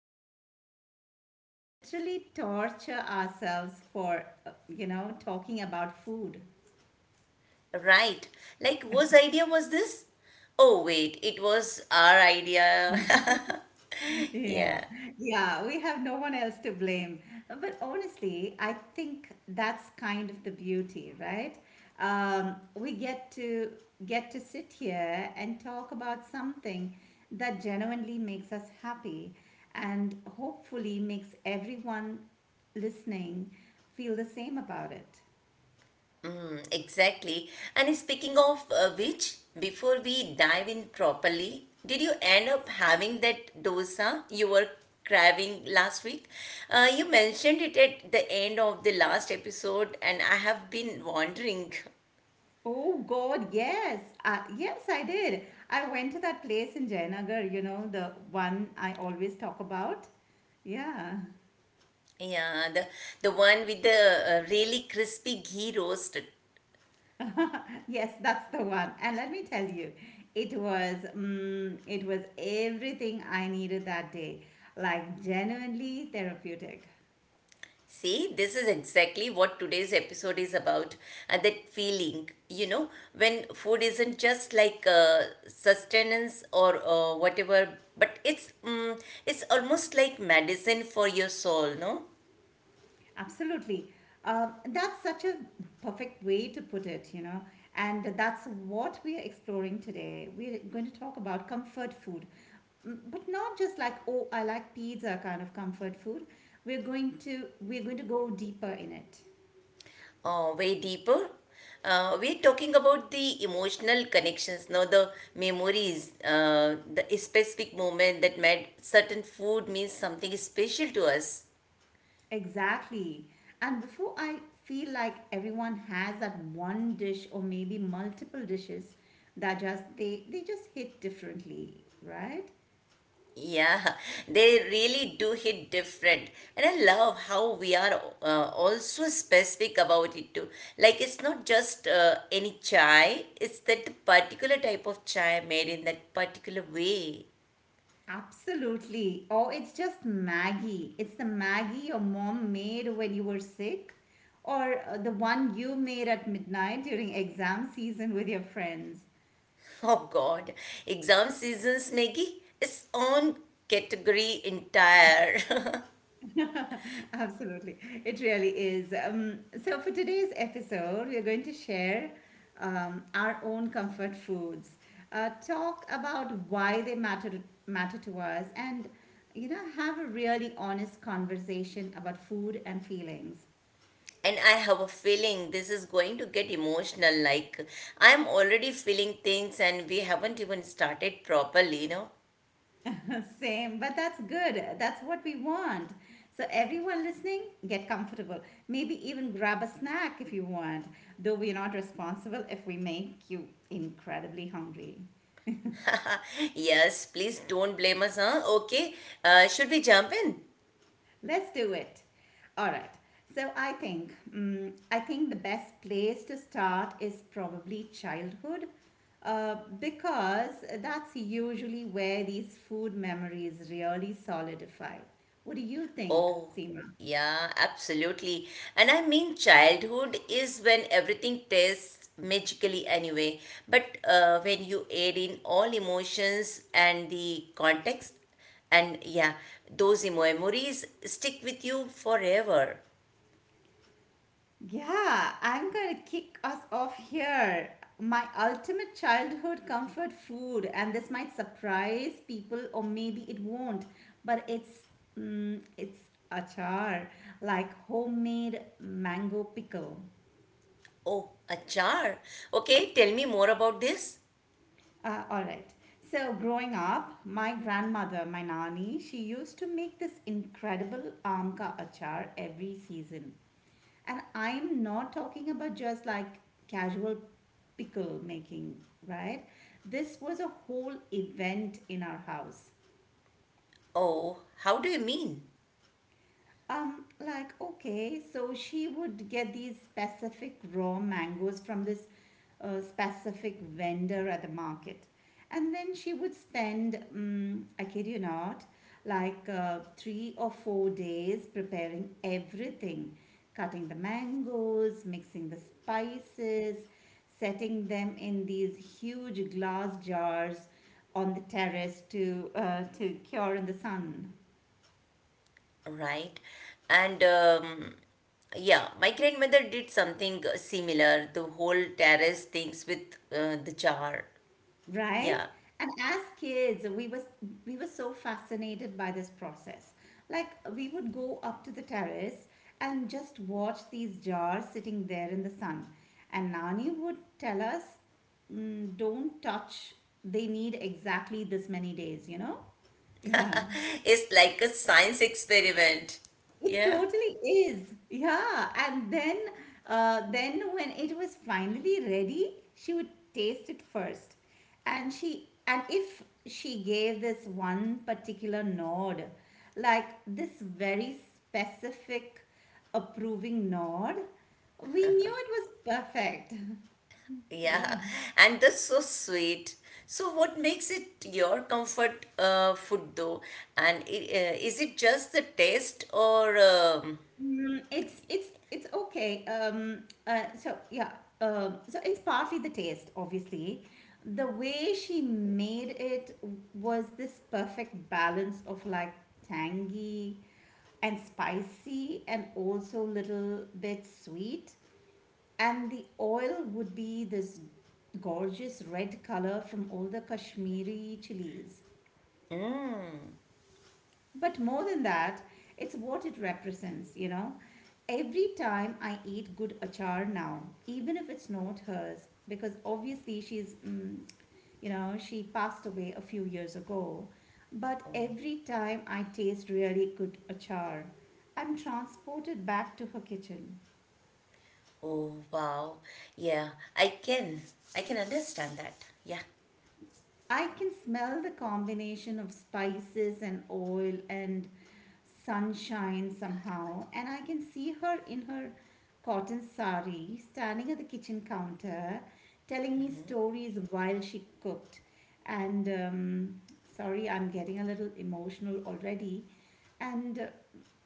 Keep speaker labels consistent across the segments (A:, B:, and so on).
A: time we do this show, we literally torture ourselves for, talking about food.
B: Right. Like, whose idea was this? Oh, wait, it was our idea.
A: Yeah,
B: Yeah.
A: yeah, we have no one else to blame. But honestly, I think that's kind of the beauty, right? We get to sit here and talk about something that genuinely makes us happy and hopefully makes everyone listening feel the same about it.
B: Exactly. And speaking of which, before we dive in properly, did you end up having that dosa you were craving last week? You mentioned it at the end of the last episode, and I have been wondering.
A: Oh God, yes. Yes, I did. I went to that place in Jayanagar, you know, the one I always talk about. Yeah.
B: Yeah, the one with the really crispy ghee roast.
A: Yes, that's the one. And let me tell you, it was it was everything I needed that day. Like genuinely therapeutic.
B: See, this is exactly what today's episode is about, and that feeling, when food isn't just like sustenance or whatever, but it's almost like medicine for your soul, no?
A: Absolutely. That's such a perfect way to put it, you know. And that's what we are exploring today. We're going to talk about comfort food. But not just like, oh, I like pizza kind of comfort food. We're going to go deeper in it.
B: Way deeper. We're talking about the emotional connections, no, the memories, the specific moment that made certain food means something special to us.
A: Exactly. And before I feel like everyone has that one dish or maybe multiple dishes that just they just hit differently, right?
B: Yeah, they really do hit different. And I love how we are also specific about it too. Like it's not just any chai, it's that particular type of chai made in that particular way.
A: Absolutely. Or it's just Maggie. It's the Maggie your mom made when you were sick, or the one you made at midnight during exam season with your friends.
B: Oh God, exam seasons, Maggie, it's own category entire.
A: Absolutely. It really is. So, for today's episode, we're going to share our own comfort foods, talk about why they matter to us, and you know, have a really honest conversation about food and feelings.
B: And I have a feeling this is going to get emotional. Like I'm already feeling things and we haven't even started properly.
A: Same, but that's good. That's what we want. So, everyone listening, get comfortable. Maybe even grab a snack if you want, though we're not responsible if we make you incredibly hungry.
B: Yes, please don't blame us, huh? Okay. Should we jump in?
A: Let's do it. All right. So, I think the best place to start is probably childhood. Because that's usually where these food memories really solidify. What do you think,
B: Oh,
A: Seema?
B: yeah, absolutely. And I mean, childhood is when everything tastes magically anyway. But when you add in all emotions and the context, and yeah, those memories stick with you forever.
A: Yeah, I'm gonna kick us off here. My ultimate childhood comfort food, and this might surprise people, or maybe it won't, but it's achar, like homemade mango pickle.
B: Oh, achar. Okay, tell me more about this.
A: All right. So growing up, my grandmother, my nani, she used to make this incredible amka achar every season. And I'm not talking about just like casual pickle making, right? This was a whole event in our house.
B: Oh, how do you mean?
A: Like, okay, so she would get these specific raw mangoes from this specific vendor at the market. And then she would spend, I kid you not, like 3 or 4 days preparing everything, cutting the mangoes, mixing the spices, setting them in these huge glass jars on the terrace to cure in the sun.
B: Right. And yeah, my grandmother did something similar. The whole terrace things with the jar.
A: Right?
B: Yeah.
A: And as kids, we were so fascinated by this process. Like we would go up to the terrace and just watch these jars sitting there in the sun. And Nani would tell us, don't touch. They need exactly this many days, you know? Yeah.
B: It's like a science experiment.
A: It
B: Yeah.
A: totally is. Yeah. And then when it was finally ready, she would taste it first. And if she gave this one particular nod, like this very specific approving nod, we knew it was perfect.
B: Yeah.
A: Yeah.
B: And that's so sweet. So what makes it your comfort food though? And is it just the taste or
A: It's okay. So it's partly the taste, obviously. The way she made it was this perfect balance of like tangy and spicy and also little bit sweet. And the oil would be this gorgeous red color from all the Kashmiri chilies.
B: mm,
A: But more than that, it's what it represents, you know. Every time I eat good achar now, even if it's not hers, because obviously she's, she passed away a few years ago. But every time I taste really good achar, I'm transported back to her kitchen.
B: oh wow. Yeah, I can I can understand that. Yeah.
A: I can smell the combination of spices and oil and sunshine somehow, and I can see her in her cotton sari standing at the kitchen counter telling me stories while she cooked. And Sorry, I'm getting a little emotional already. And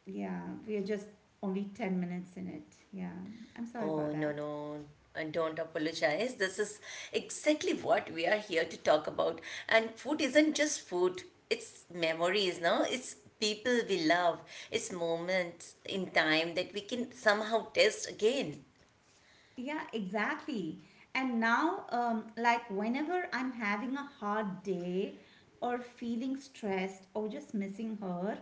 A: Yeah, we are just only 10 minutes in it. Yeah, I'm sorry
B: Oh,
A: about
B: no,
A: that.
B: no. And don't apologize. This is exactly what we are here to talk about. And food isn't just food, it's memories, no? It's people we love, it's moments in time that we can somehow taste again.
A: Yeah, exactly. And now, like whenever I'm having a hard day or feeling stressed or just missing her,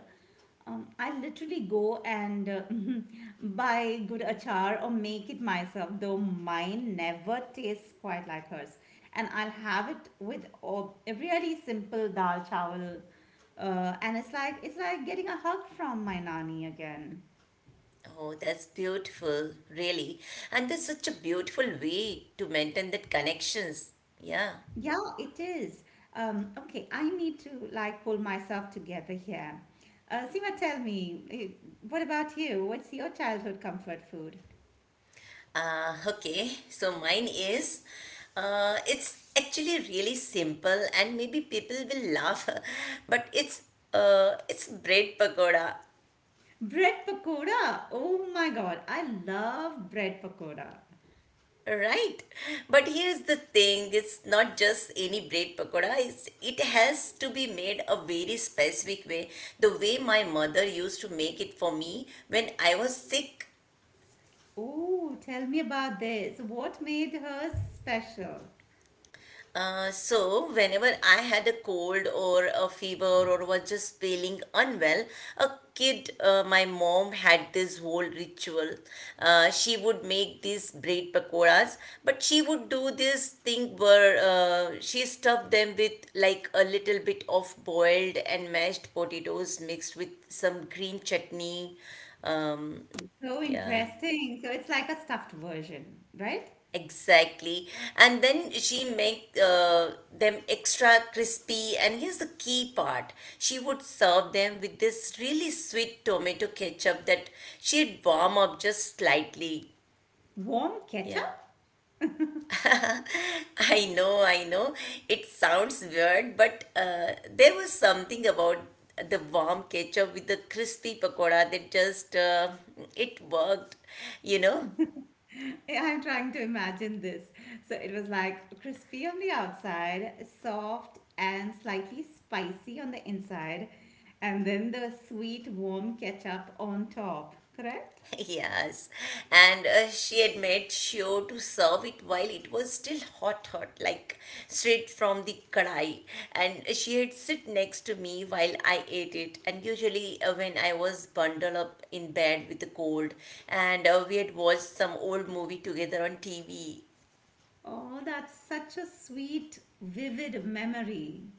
A: I literally go and buy good achar or make it myself, though mine never tastes quite like hers. And I'll have it with a really simple dal chawal. And it's like getting a hug from my nani again.
B: Oh, that's beautiful, really. And that's such a beautiful way to maintain that connections. Yeah.
A: Yeah, it is. Okay, I need to like pull myself together here. Seema, tell me, what about you? What's your childhood comfort food?
B: Okay, so mine is it's actually really simple, and maybe people will laugh, but it's bread pakoda,
A: Bread pakoda. Oh my God, I love bread pakoda.
B: right? But here's the thing: it's, not just any bread pakoda. it has to be made a very specific way, the way my mother used to make it for me when I was sick.
A: Oh, tell me about this. What made hers special?
B: So, whenever I had a cold or a fever or was just feeling unwell, a kid, my mom had this whole ritual. She would make these bread pakoras, but she would do this thing where she stuffed them with like a little bit of boiled and mashed potatoes mixed with some green chutney. Um,
A: So
B: yeah.
A: interesting. So it's like a stuffed version, right?
B: Exactly. And then she make them extra crispy. And here's the key part. She would serve them with this really sweet tomato ketchup that she'd warm up just slightly.
A: Warm
B: Yeah.
A: ketchup?
B: I know, I know. It sounds weird, but there was something about the warm ketchup with the crispy pakoda that just it worked, you know.
A: I'm trying to imagine this. So it was like crispy on the outside, soft and slightly spicy on the inside, and then the sweet warm ketchup on top, correct?
B: Yes, and she had made sure to serve it while it was still hot, hot, like straight from the kadai. And she had sit next to me while I ate it. And usually, when I was bundled up in bed with the cold, and we had watched some old movie together on TV.
A: Oh, that's such a sweet, vivid memory.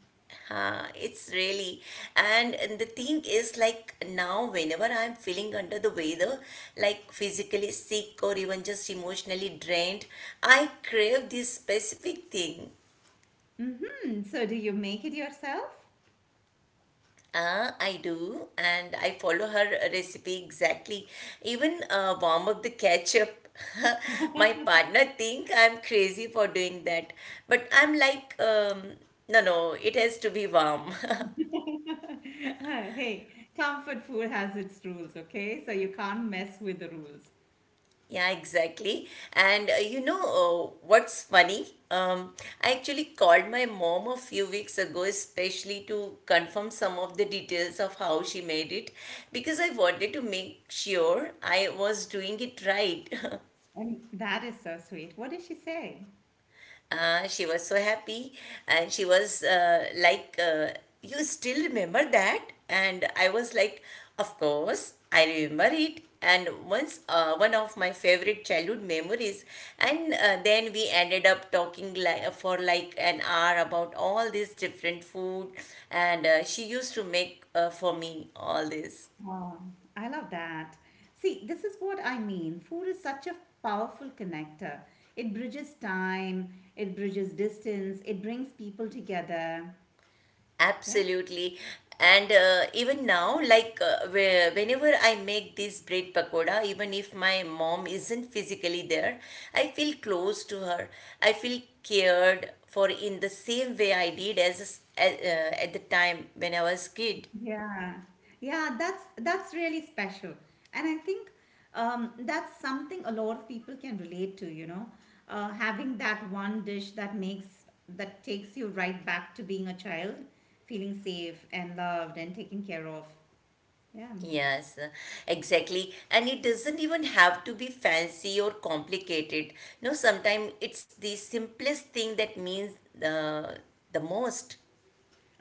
B: Huh, it's really, and the thing is, like now, whenever I'm feeling under the weather, like physically sick or even just emotionally drained, I crave this specific thing.
A: Hmm. So do you make it yourself?
B: Ah, I do, and I follow her recipe exactly. Even warm up the ketchup. My partner think I'm crazy for doing that, but I'm like, no, no, it has to be warm.
A: Hey, comfort food has its rules, okay? So you can't mess with the rules.
B: Yeah, exactly. And you know what's funny? I actually called my mom a few weeks ago, especially to confirm some of the details of how she made it, because I wanted to make sure I was doing it right.
A: And that is so sweet. What did she say?
B: She was so happy and she was like, "You still remember that?" And I was like, "Of course, I remember it." And one of my favorite childhood memories. And then we ended up talking like, for like an hour about all this different food. And she used to make for me all this.
A: Wow, I love that. See, this is what I mean. Food is such a powerful connector. It bridges time, it bridges distance, it brings people together. Yeah.
B: Absolutely. And even now, like whenever I make this bread pakoda, even if my mom isn't physically there, I feel close to her. I feel cared for in the same way I did as at the time when I was kid.
A: Yeah. Yeah, that's really special. And I think that's something a lot of people can relate to, you know, having that one dish that takes you right back to being a child, feeling safe and loved and taken care of. Yeah.
B: Yes, exactly. And it doesn't even have to be fancy or complicated. No, sometimes it's the simplest thing that means uh, the most.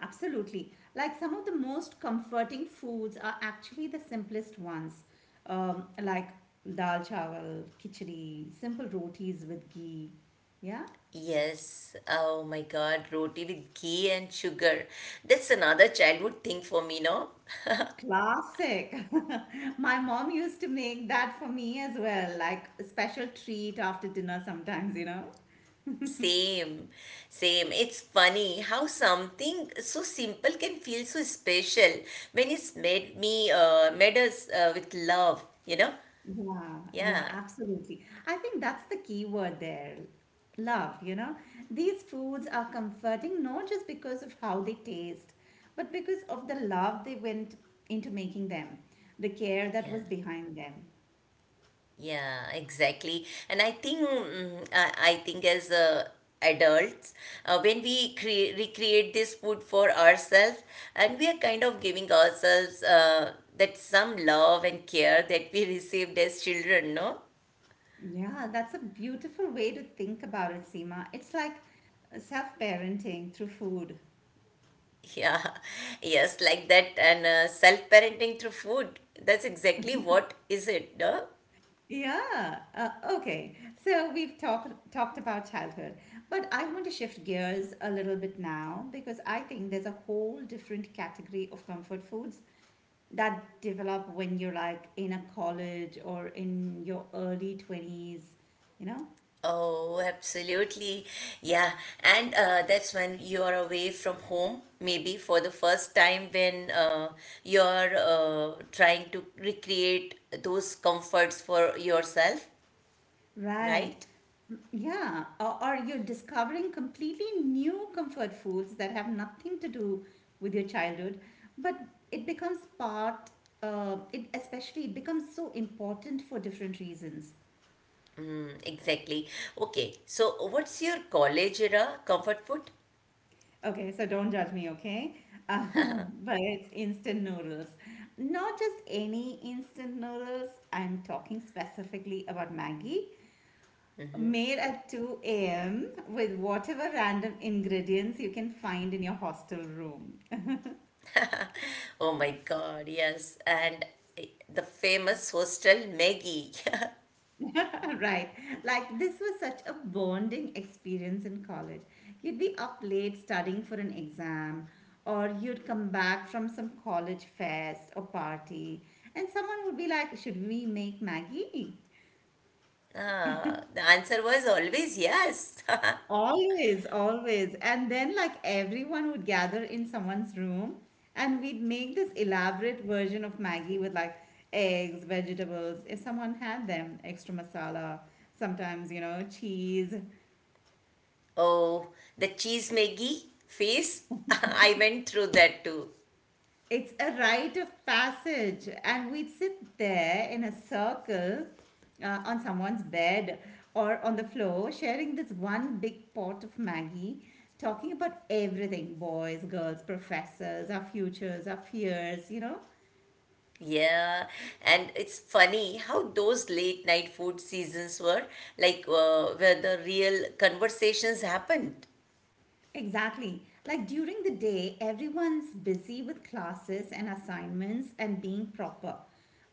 A: Absolutely. Like some of the most comforting foods are actually the simplest ones, like dal chawal, khichdi, simple rotis with ghee. Yeah,
B: Yes, oh my God, roti with ghee and sugar. That's another childhood thing for me, no?
A: classic. My mom used to make that for me as well, like a special treat after dinner sometimes, you know.
B: Same, same. It's funny how something so simple can feel so special when it's made us with love, you know?
A: Yeah, yeah,
B: Yeah,
A: absolutely. I think that's the key word there. Love, you know. These foods are comforting not just because of how they taste, but because of the love they went into making them, the care that
B: yeah.
A: was behind them.
B: Yeah, exactly. And I think as adults, when we recreate this food for ourselves, and we are kind of giving ourselves that some love and care that we received as children, no?
A: Yeah, that's a beautiful way to think about it, Seema. It's like self-parenting through food.
B: Yeah, yes, like that, and self-parenting through food. That's exactly what is it, no?
A: Yeah. Okay. So we've talked about childhood, but I want to shift gears a little bit now because I think there's a whole different category of comfort foods that develop when you're like in a college or in your early 20s, you know?
B: Oh, absolutely. Yeah. And that's when you are away from home, maybe for the first time when you're trying to recreate those comforts for yourself,
A: Right.
B: right?
A: Yeah. Or you're discovering completely new comfort foods that have nothing to do with your childhood, but it becomes part, it especially it becomes so important for different reasons.
B: Exactly. Okay. So, what's your college era comfort food?
A: Okay, so don't judge me, okay? But it's instant noodles. Not just any instant noodles. I'm talking specifically about Maggie made at 2 a.m. with whatever random ingredients you can find in your hostel room.
B: Oh my God, yes. And uh, the famous hostel Maggie.
A: Right. Like this was such a bonding experience in college. You'd be up late studying for an exam or you'd come back from some college fest or party and someone would be like, "Should we make Maggie?"
B: The answer was always yes.
A: Always, always. And then, like, everyone would gather in someone's room and we'd make this elaborate version of Maggie with like eggs, vegetables, if someone had them, extra masala, sometimes, you know, cheese.
B: Oh, the cheese Maggie phase. I went through that too.
A: It's a rite of passage, and we'd sit there in a circle on someone's bed or on the floor, sharing this one big pot of Maggie, talking about everything boys, girls, professors, our futures, our fears, you know?
B: Yeah, and it's funny how those late night food seasons were like where the real conversations happened.
A: Exactly. Like during the day, everyone's busy with classes and assignments and being proper.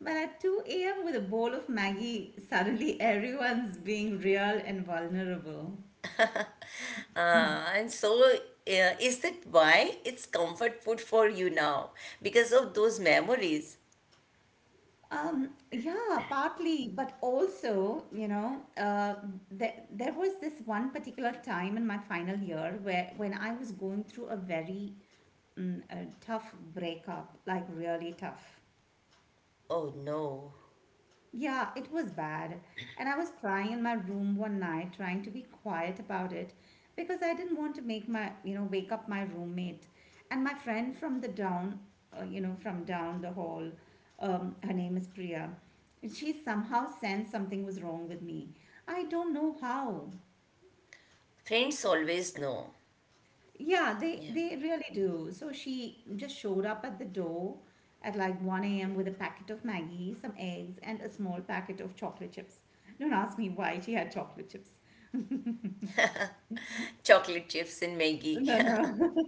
A: But at 2 a.m., with a bowl of Maggie, suddenly everyone's being real and vulnerable.
B: And so, is that why it's comfort food for you now? Because of those memories?
A: Yeah, partly, but also, you know, there was this one particular time in my final year where when I was going through a a tough breakup, like really tough.
B: Oh no.
A: Yeah, it was bad. And I was crying in my room one night, trying to be quiet about it because I didn't want to make my, you know, wake up my roommate. And my friend from the down, you know, from down the hall, her name is Priya. She somehow sensed something was wrong with me. I don't know how.
B: Friends always know.
A: Yeah,
B: Yeah.
A: they really do. So she just showed up at the door at like 1 a.m. with a packet of Maggie, some eggs, and a small packet of chocolate chips. Don't ask me why she had chocolate chips.
B: Chocolate chips and Maggie.
A: No, no.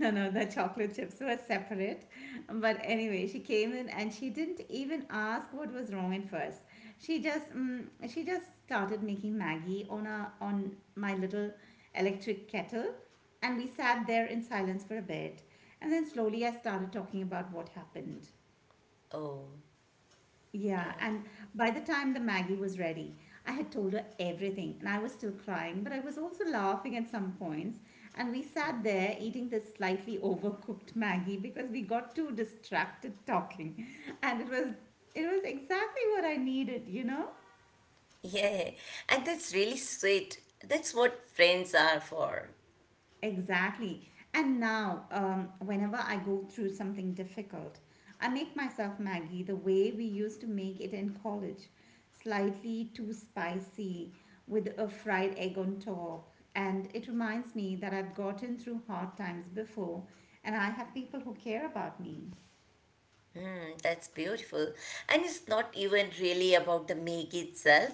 A: No, no, the chocolate chips were separate. But anyway, she came in and she didn't even ask what was wrong at first. She just started making Maggie on a on my little electric kettle, and we sat there in silence for a bit. And then slowly I started talking about what happened.
B: Oh, yeah.
A: Yeah, and by the time the Maggie was ready, I had told her everything, and I was still crying, but I was also laughing at some points. And we sat there eating this slightly overcooked Maggie because we got too distracted talking, and it was exactly what I needed, you know?
B: Yeah, and that's really sweet. That's what friends are for.
A: Exactly. And now, whenever I go through something difficult, I make myself Maggie the way we used to make it in college, slightly too spicy with a fried egg on top. And it reminds me that I've gotten through hard times before and I have people who care about me.
B: That's beautiful. And it's not even really about the make itself,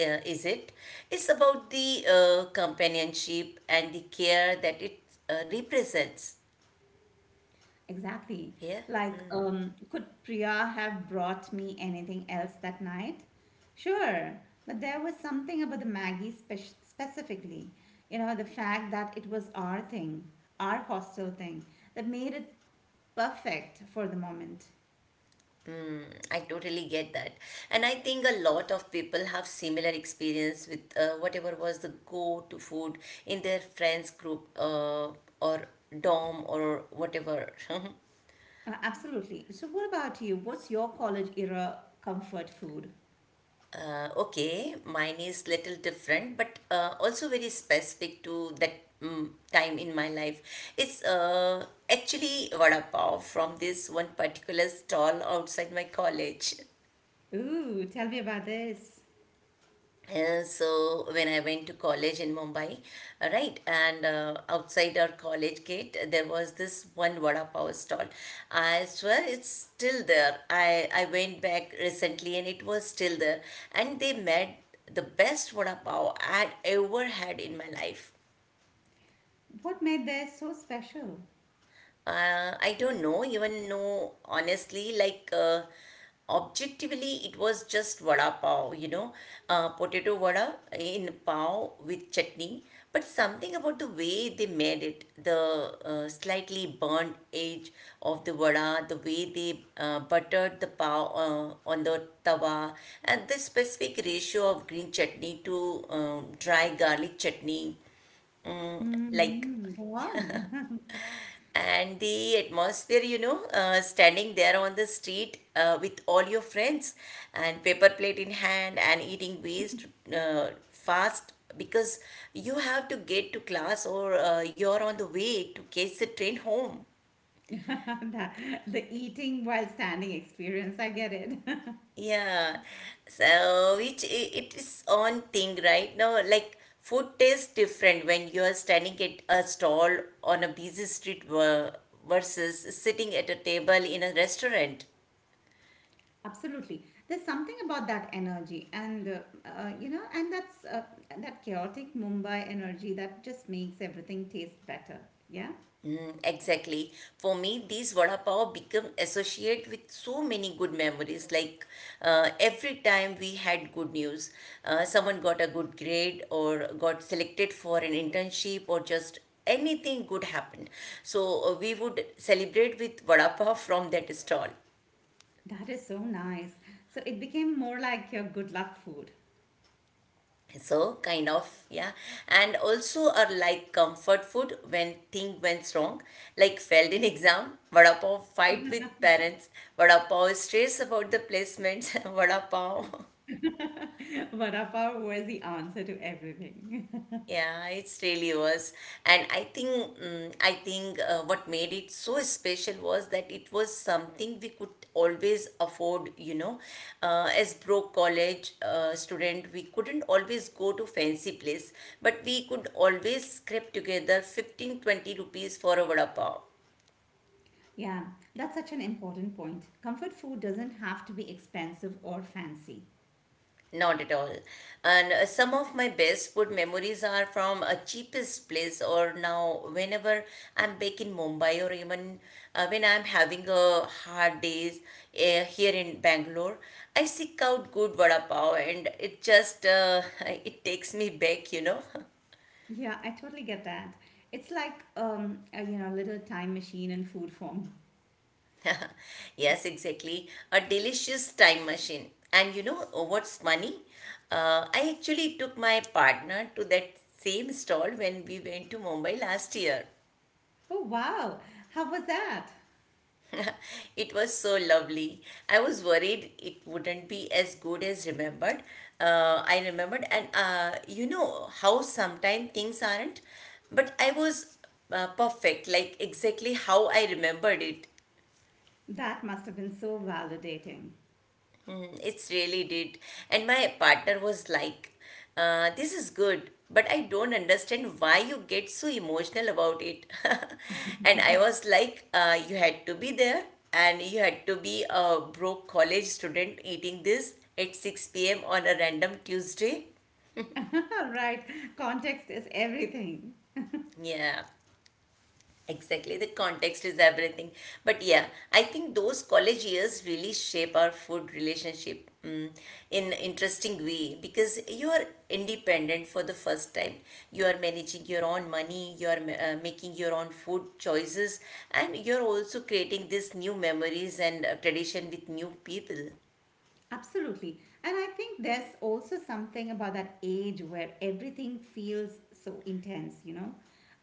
B: is it? It's about the companionship and the care that it represents.
A: Exactly.
B: Yeah,
A: Like, could Priya have brought me anything else that night? Sure, but there was something about the Maggie specifically, you know, the fact that it was our thing, our hostel thing, that made it perfect for the moment.
B: I totally get that. And I think a lot of people have similar experience with whatever was the go-to food in their friends group or dorm or whatever.
A: Absolutely. So, what about you? What's your college era comfort food?
B: Okay, mine is little different, but also very specific to that time in my life. It's actually vada pav from this one particular stall outside my college.
A: Ooh, tell me about this.
B: So when I went to college in Mumbai, right, and outside our college gate, there was this one vada pav stall. I swear it's still there. I went back recently and it was still there, and they made the best vada pav I had ever had in my life.
A: What made this so special?
B: I don't know, even know honestly, like objectively, it was just vada pav, potato vada in pav with chutney. But something about the way they made it, the slightly burnt edge of the vada, the way they buttered the pav on the tawa, and the specific ratio of green chutney to dry garlic chutney, like
A: Mm, go on.
B: and the atmosphere, standing there on the street with all your friends and paper plate in hand and eating waste fast because you have to get to class or you're on the way to catch the train home.
A: the, the eating while standing experience, I get it.
B: Yeah, so it is on thing right now. Like food tastes different when you are standing at a stall on a busy street versus sitting at a table in a restaurant.
A: Absolutely, there's something about that energy and you know, and that's that chaotic Mumbai energy that just makes everything taste better, yeah.
B: Exactly. For me, these vada pav become associated with so many good memories. Like every time we had good news, someone got a good grade or got selected for an internship or just anything good happened. So we would celebrate with vada pav from that stall.
A: That is so nice, so it became more like your good luck food.
B: So kind of, yeah, and also are like comfort food when thing went wrong, like failed in exam vada pav, fight with parents vada pav, stress about the placements, vada pav.
A: Vada pav was the answer to everything.
B: Yeah, it's really was. And I think what made it so special was that it was something we could always afford. As broke college student, we couldn't always go to fancy place, but we could always scrape together 15, 20 rupees for a vada pav.
A: Yeah, that's such an important point, comfort food doesn't have to be expensive or fancy.
B: Not at all. And some of my best food memories are from a cheapest place, or now whenever I'm back in Mumbai, or even when I'm having a hard days here in Bangalore, I seek out good vada pav, and it just it takes me back.
A: Yeah, I totally get that. It's like a, you know, little time machine in food form.
B: Yes, exactly, a delicious time machine. And you know what's funny? I actually took my partner to that same stall when we went to Mumbai last year.
A: Oh wow, how was that?
B: It was so lovely. I was worried it wouldn't be as good as remembered. I remembered, and you know how sometimes things aren't, but I was perfect, like exactly how I remembered it.
A: That must have been so validating.
B: It's really did. And my partner was like, this is good, but I don't understand why you get so emotional about it. And I was like, you had to be there and you had to be a broke college student eating this at 6 p.m. on a random Tuesday.
A: Right, context is everything.
B: Yeah. Exactly, the context is everything. But yeah, I think those college years really shape our food relationship in interesting way because you are independent for the first time. You are managing your own money, you are making your own food choices, and you're also creating these new memories and tradition with new people.
A: Absolutely. And I think there's also something about that age where everything feels so intense, you know?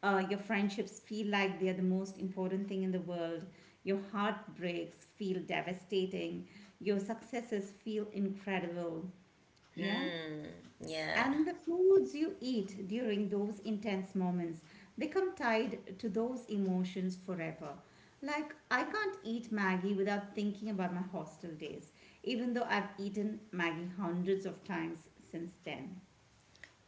A: Your friendships feel like they're the most important thing in the world. Your heartbreaks feel devastating. Your successes feel incredible. Yeah.
B: Yeah.
A: And the foods you eat during those intense moments become tied to those emotions forever. Like, I can't eat Maggie without thinking about my hostel days, even though I've eaten Maggie hundreds of times since then.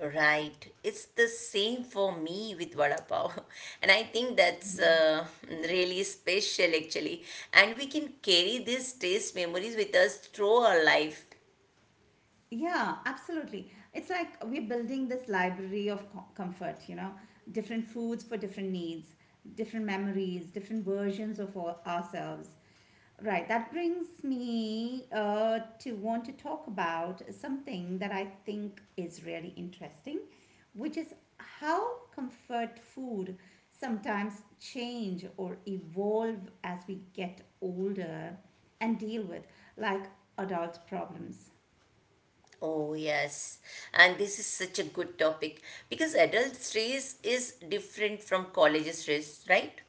B: Right. It's the same for me with vada pav. And I think that's really special actually. And we can carry these taste memories with us through our life.
A: Yeah, absolutely. It's like we're building this library of comfort, you know, different foods for different needs, different memories, different versions of ourselves. Right, that brings me to want to talk about something that I think is really interesting, which is how comfort food sometimes change or evolve as we get older and deal with like adult problems.
B: Oh, yes. And this is such a good topic because adult stress is different from college stress, right?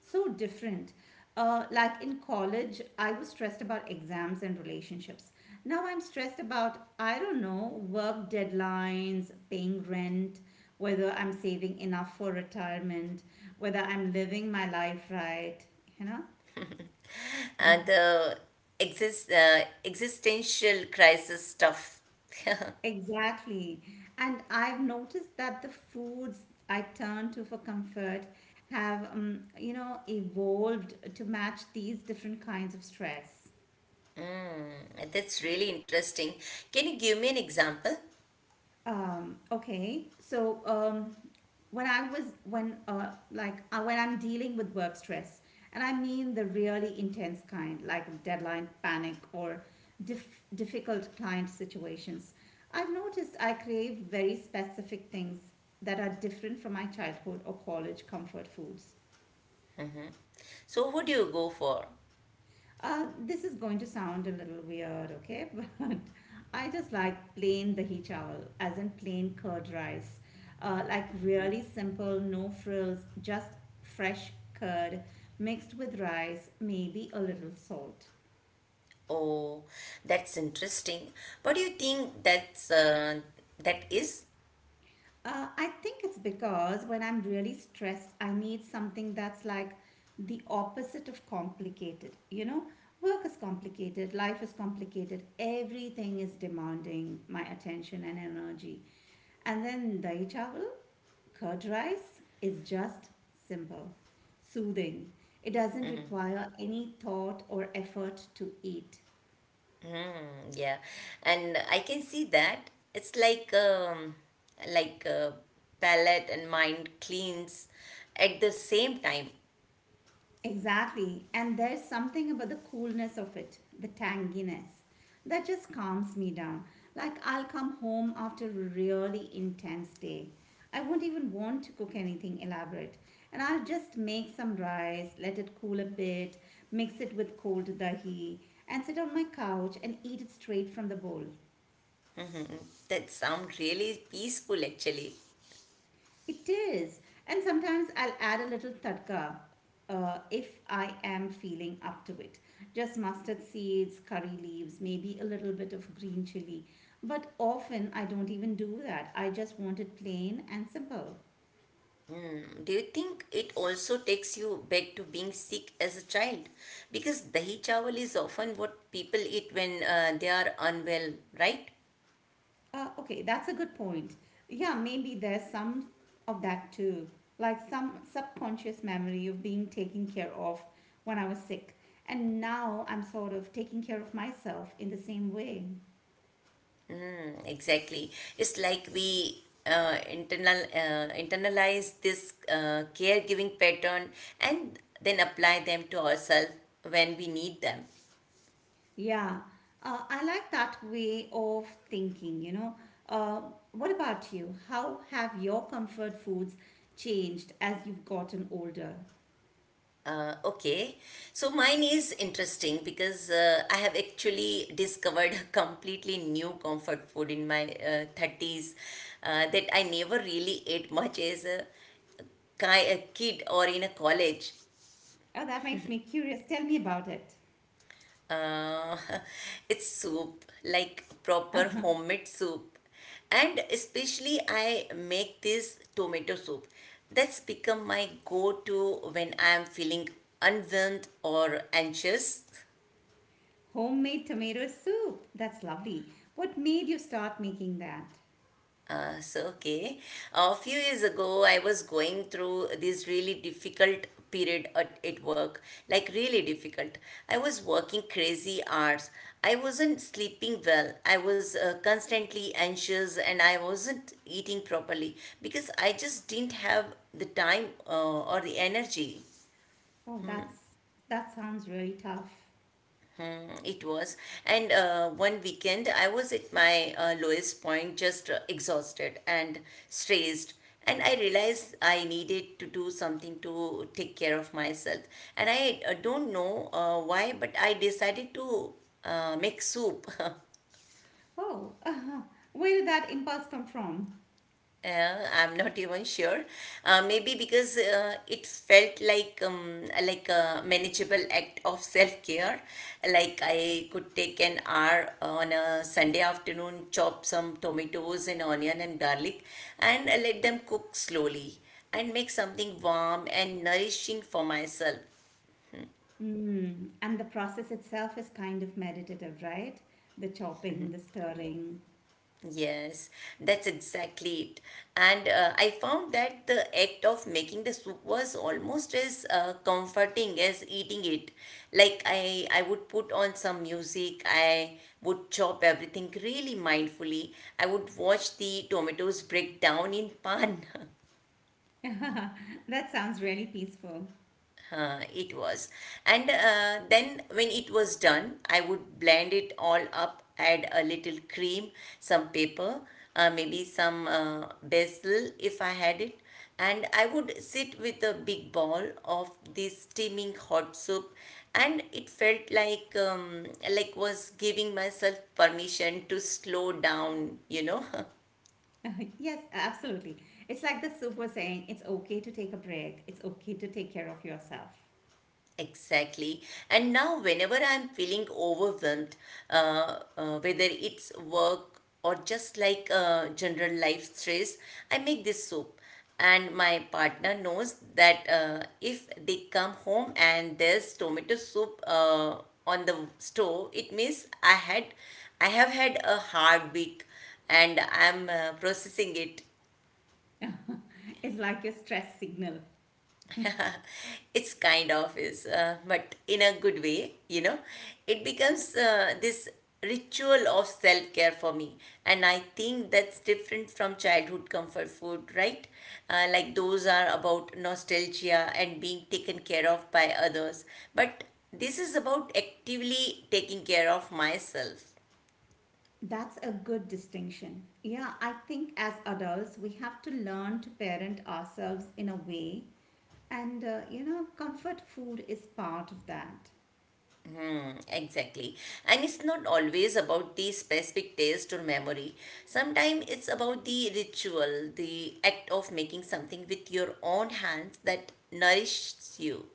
A: So different. Like in college, I was stressed about exams and relationships. Now I'm stressed about, I don't know, work deadlines, paying rent, whether I'm saving enough for retirement, whether I'm living my life right, you know?
B: And the existential crisis stuff.
A: Exactly. And I've noticed that the foods I turn to for comfort have, you know, evolved to match these different kinds of stress.
B: That's really interesting. Can you give me an example?
A: Okay. So when I was when like when I'm dealing with work stress, and I mean the really intense kind, like deadline panic or difficult client situations, I've noticed I crave very specific things that are different from my childhood or college comfort foods.
B: So, who do you go for?
A: This is going to sound a little weird, okay? But I just like plain dahi chawal, as in plain curd rice. Like really simple, no frills, just fresh curd mixed with rice, maybe a little salt.
B: Oh, that's interesting. What do you think that is?
A: I think it's because when I'm really stressed, I need something that's like the opposite of complicated. You know, work is complicated, life is complicated, everything is demanding my attention and energy. And then dahi chawal, curd rice, is just simple, soothing. It doesn't require any thought or effort to eat.
B: Hmm, yeah, and I can see that it's like palate and mind cleans at the same time.
A: Exactly. And there's something about the coolness of it, the tanginess, that just calms me down. Like I'll come home after a really intense day. I won't even want to cook anything elaborate. And I'll just make some rice, let it cool a bit, mix it with cold dahi, and sit on my couch and eat it straight from the bowl.
B: That sound really peaceful, actually.
A: It is. And sometimes I'll add a little tadka if I am feeling up to it. Just mustard seeds, curry leaves, maybe a little bit of green chili. But often I don't even do that. I just want it plain and simple.
B: Do you think it also takes you back to being sick as a child? Because dahi chawal is often what people eat when they are unwell, right?
A: Okay, that's a good point. Yeah, maybe there's some of that too, like some subconscious memory of being taken care of when I was sick. And now I'm sort of taking care of myself in the same way.
B: Exactly. It's like we internalize this caregiving pattern and then apply them to ourselves when we need them.
A: Yeah, I like that way of thinking, you know. Uh, what about you? How have your comfort foods changed as you've gotten older?
B: Okay, so mine is interesting because I have actually discovered a completely new comfort food in my 30s that I never really ate much as a kid or in a college.
A: Oh, that makes me curious. Tell me about it.
B: Uh, it's soup, like proper homemade soup. And especially, I make this tomato soup. That's become my go to when I'm feeling unwhelmed or anxious.
A: Homemade tomato soup. That's lovely. What made you start making that?
B: So okay. A few years ago, I was going through this really difficult period at work, like really difficult. I was working crazy hours. I wasn't sleeping well. I was constantly anxious and I wasn't eating properly because I just didn't have the time or the energy.
A: Oh, that sounds really tough.
B: It was. And one weekend, I was at my lowest point, just exhausted and stressed. And I realized I needed to do something to take care of myself. And I don't know why, but I decided to make soup.
A: Oh, where did that impulse come from?
B: I'm not even sure. Maybe because it felt like like a manageable act of self care. Like I could take an hour on a Sunday afternoon, chop some tomatoes and onion and garlic, and let them cook slowly and make something warm and nourishing for myself.
A: Mm, and the process itself is kind of meditative, right? The chopping, the stirring.
B: Yes, that's exactly it. And I found that the act of making the soup was almost as comforting as eating it. Like I would put on some music, I would chop everything really mindfully. I would watch the tomatoes break down in pan.
A: That sounds really peaceful.
B: It was. And then when it was done, I would blend it all up, add a little cream, some pepper, maybe some basil if I had it. And I would sit with a big ball of this steaming hot soup, and it felt like was giving myself permission to slow down.
A: Yes, absolutely. It's like the soup was saying it's okay to take a break, it's okay to take care of yourself.
B: Exactly. And now, whenever I'm feeling overwhelmed, whether it's work or just like general life stress, I make this soup. And my partner knows that if they come home and there's tomato soup on the stove, it means I have had a hard week, and I'm processing it.
A: It's like your stress signal.
B: It's kind of is, but in a good way. It becomes this ritual of self-care for me. And I think that's different from childhood comfort food, right? Like those are about nostalgia and being taken care of by others, but this is about actively taking care of myself.
A: That's a good distinction. Yeah, I think as adults, we have to learn to parent ourselves in a way, and you know, comfort food is part of that.
B: Exactly. And it's not always about the specific taste or memory. Sometimes it's about the ritual, the act of making something with your own hands that nourishes you.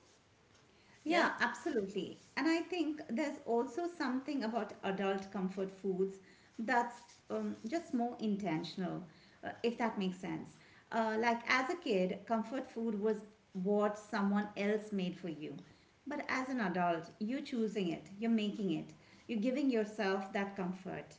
B: Yeah?
A: Yeah, absolutely. And I think there's also something about adult comfort foods that's just more intentional, if that makes sense. Like as a kid, comfort food was what someone else made for you. But as an adult, you're choosing it, you're making it, you're giving yourself that comfort.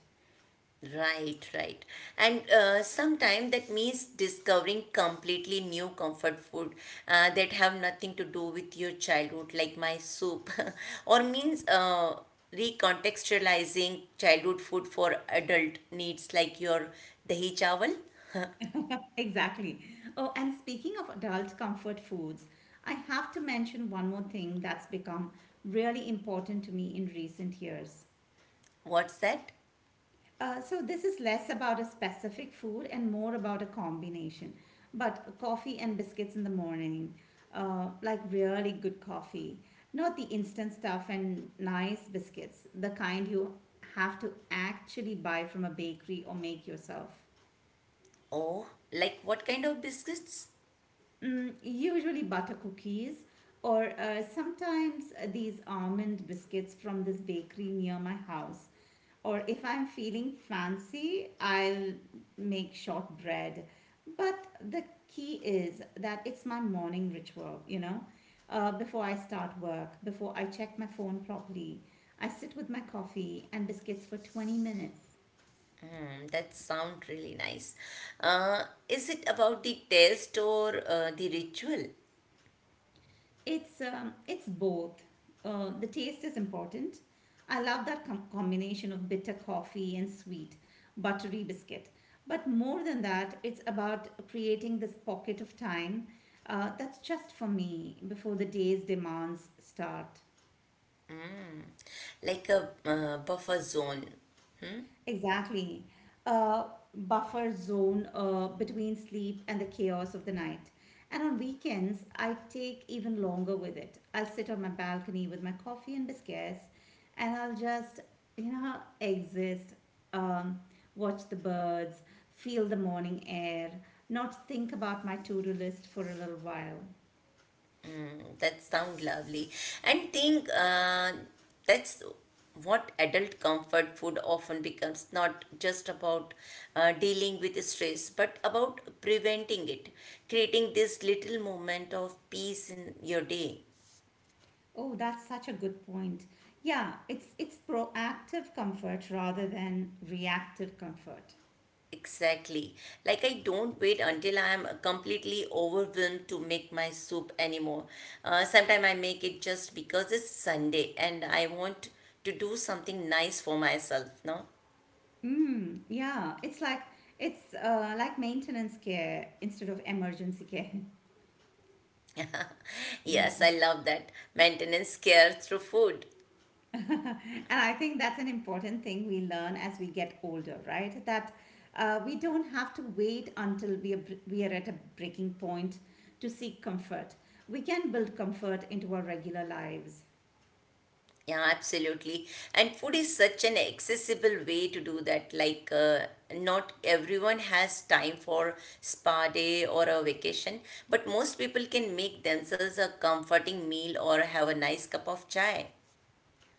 B: Right, right. And sometimes that means discovering completely new comfort food that have nothing to do with your childhood, like my soup, or means recontextualizing childhood food for adult needs, like your dahi chawal.
A: Exactly. Oh, and speaking of adult comfort foods, I have to mention one more thing that's become really important to me in recent years.
B: What's that?
A: So this is less about a specific food and more about a combination. But coffee and biscuits in the morning, like really good coffee, not the instant stuff, and nice biscuits, the kind you have to actually buy from a bakery or make yourself.
B: Oh, like what kind of biscuits?
A: Mm, usually butter cookies, or sometimes these almond biscuits from this bakery near my house. Or if I'm feeling fancy, I'll make shortbread. But the key is that it's my morning ritual, you know, before I start work, before I check my phone properly. I sit with my coffee and biscuits for 20 minutes.
B: Hmm, that sound really nice. Is it about the taste or the ritual?
A: It's both. The taste is important. I love that combination of bitter coffee and sweet buttery biscuit. But more than that, it's about creating this pocket of time that's just for me before the day's demands start.
B: Like a buffer zone.
A: Exactly. A buffer zone between sleep and the chaos of the night. And on weekends, I take even longer with it. I'll sit on my balcony with my coffee and biscuits and I'll just, you know, exist, um, watch the birds, feel the morning air, not think about my to-do list for a little while.
B: That sounds lovely. And think that's what adult comfort food often becomes, not just about dealing with stress, but about preventing it, creating this little moment of peace in your day.
A: Oh, that's such a good point. Yeah, it's proactive comfort rather than reactive comfort.
B: Exactly. Like I don't wait until I am completely overwhelmed to make my soup anymore. Sometimes I make it just because it's Sunday and I want to do something nice for myself, no?
A: Mm, yeah, it's like maintenance care instead of emergency care. Yeah.
B: Yes, I love that. Maintenance care through food.
A: And I think that's an important thing we learn as we get older, right? That we don't have to wait until we are at a breaking point to seek comfort. We can build comfort into our regular lives.
B: Yeah, absolutely. And food is such an accessible way to do that. Like, not everyone has time for spa day or a vacation, but most people can make themselves a comforting meal or have a nice cup of chai.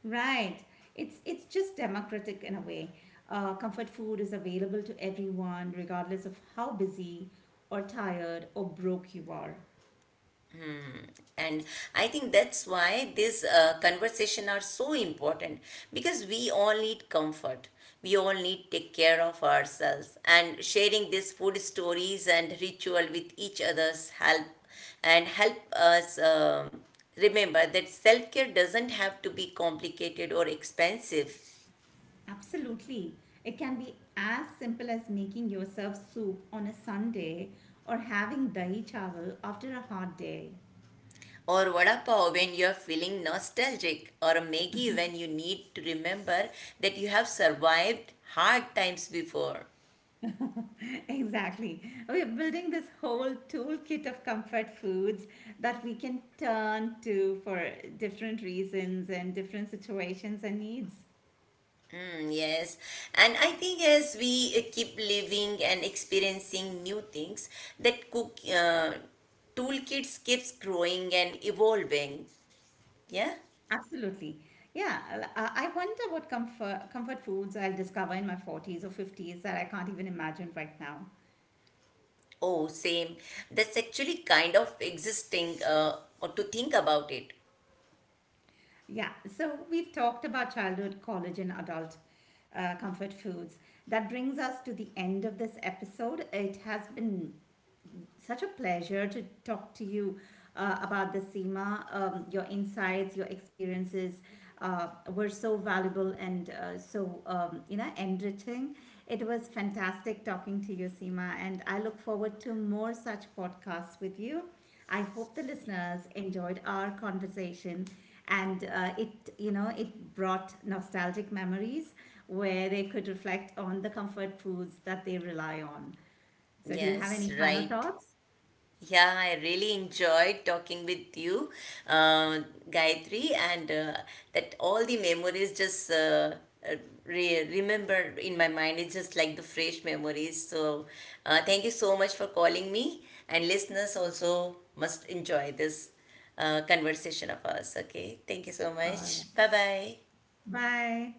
A: Right. It's just democratic in a way. Comfort food is available to everyone, regardless of how busy or tired or broke you are.
B: And I think that's why this conversation are so important because we all need comfort. We all need take care of ourselves, and sharing these food stories and ritual with each other's help and help us remember that self-care doesn't have to be complicated or expensive,
A: Absolutely. It can be as simple as making yourself soup on a Sunday or having dahi chawal after a hot day.
B: or vada pav when you're feeling nostalgic, or a Maggie when you need to remember that you have survived hard times before.
A: Exactly. We're building this whole toolkit of comfort foods that we can turn to for different reasons and different situations and needs.
B: Mm, yes, and I think as we keep living and experiencing new things, that cook toolkits keeps growing and evolving. Yeah.
A: Absolutely. Yeah, I wonder what comfort foods I'll discover in my 40s or 50s that I can't even imagine right now.
B: Oh, same. That's actually kind of existing. Or to think about it.
A: Yeah, so we've talked about childhood, college, and adult comfort foods. That brings us to the end of this episode. It has been such a pleasure to talk to you about the SEMA. Your insights, your experiences uh, were so valuable and so you know, enriching. It was fantastic talking to you, Seema, and I look forward to more such podcasts with you. I hope the listeners enjoyed our conversation and it, you know, it brought nostalgic memories where they could reflect on the comfort foods that they rely on. So, do you have any
B: Yes,
A: final
B: right.
A: thoughts?
B: Yeah, I really enjoyed talking with you, uh, Gayatri, and that all the memories just uh, remember in my mind. It's just like the fresh memories. So, thank you so much for calling me, and listeners also must enjoy this conversation of us. Okay, thank you so much. Bye bye.
A: Bye.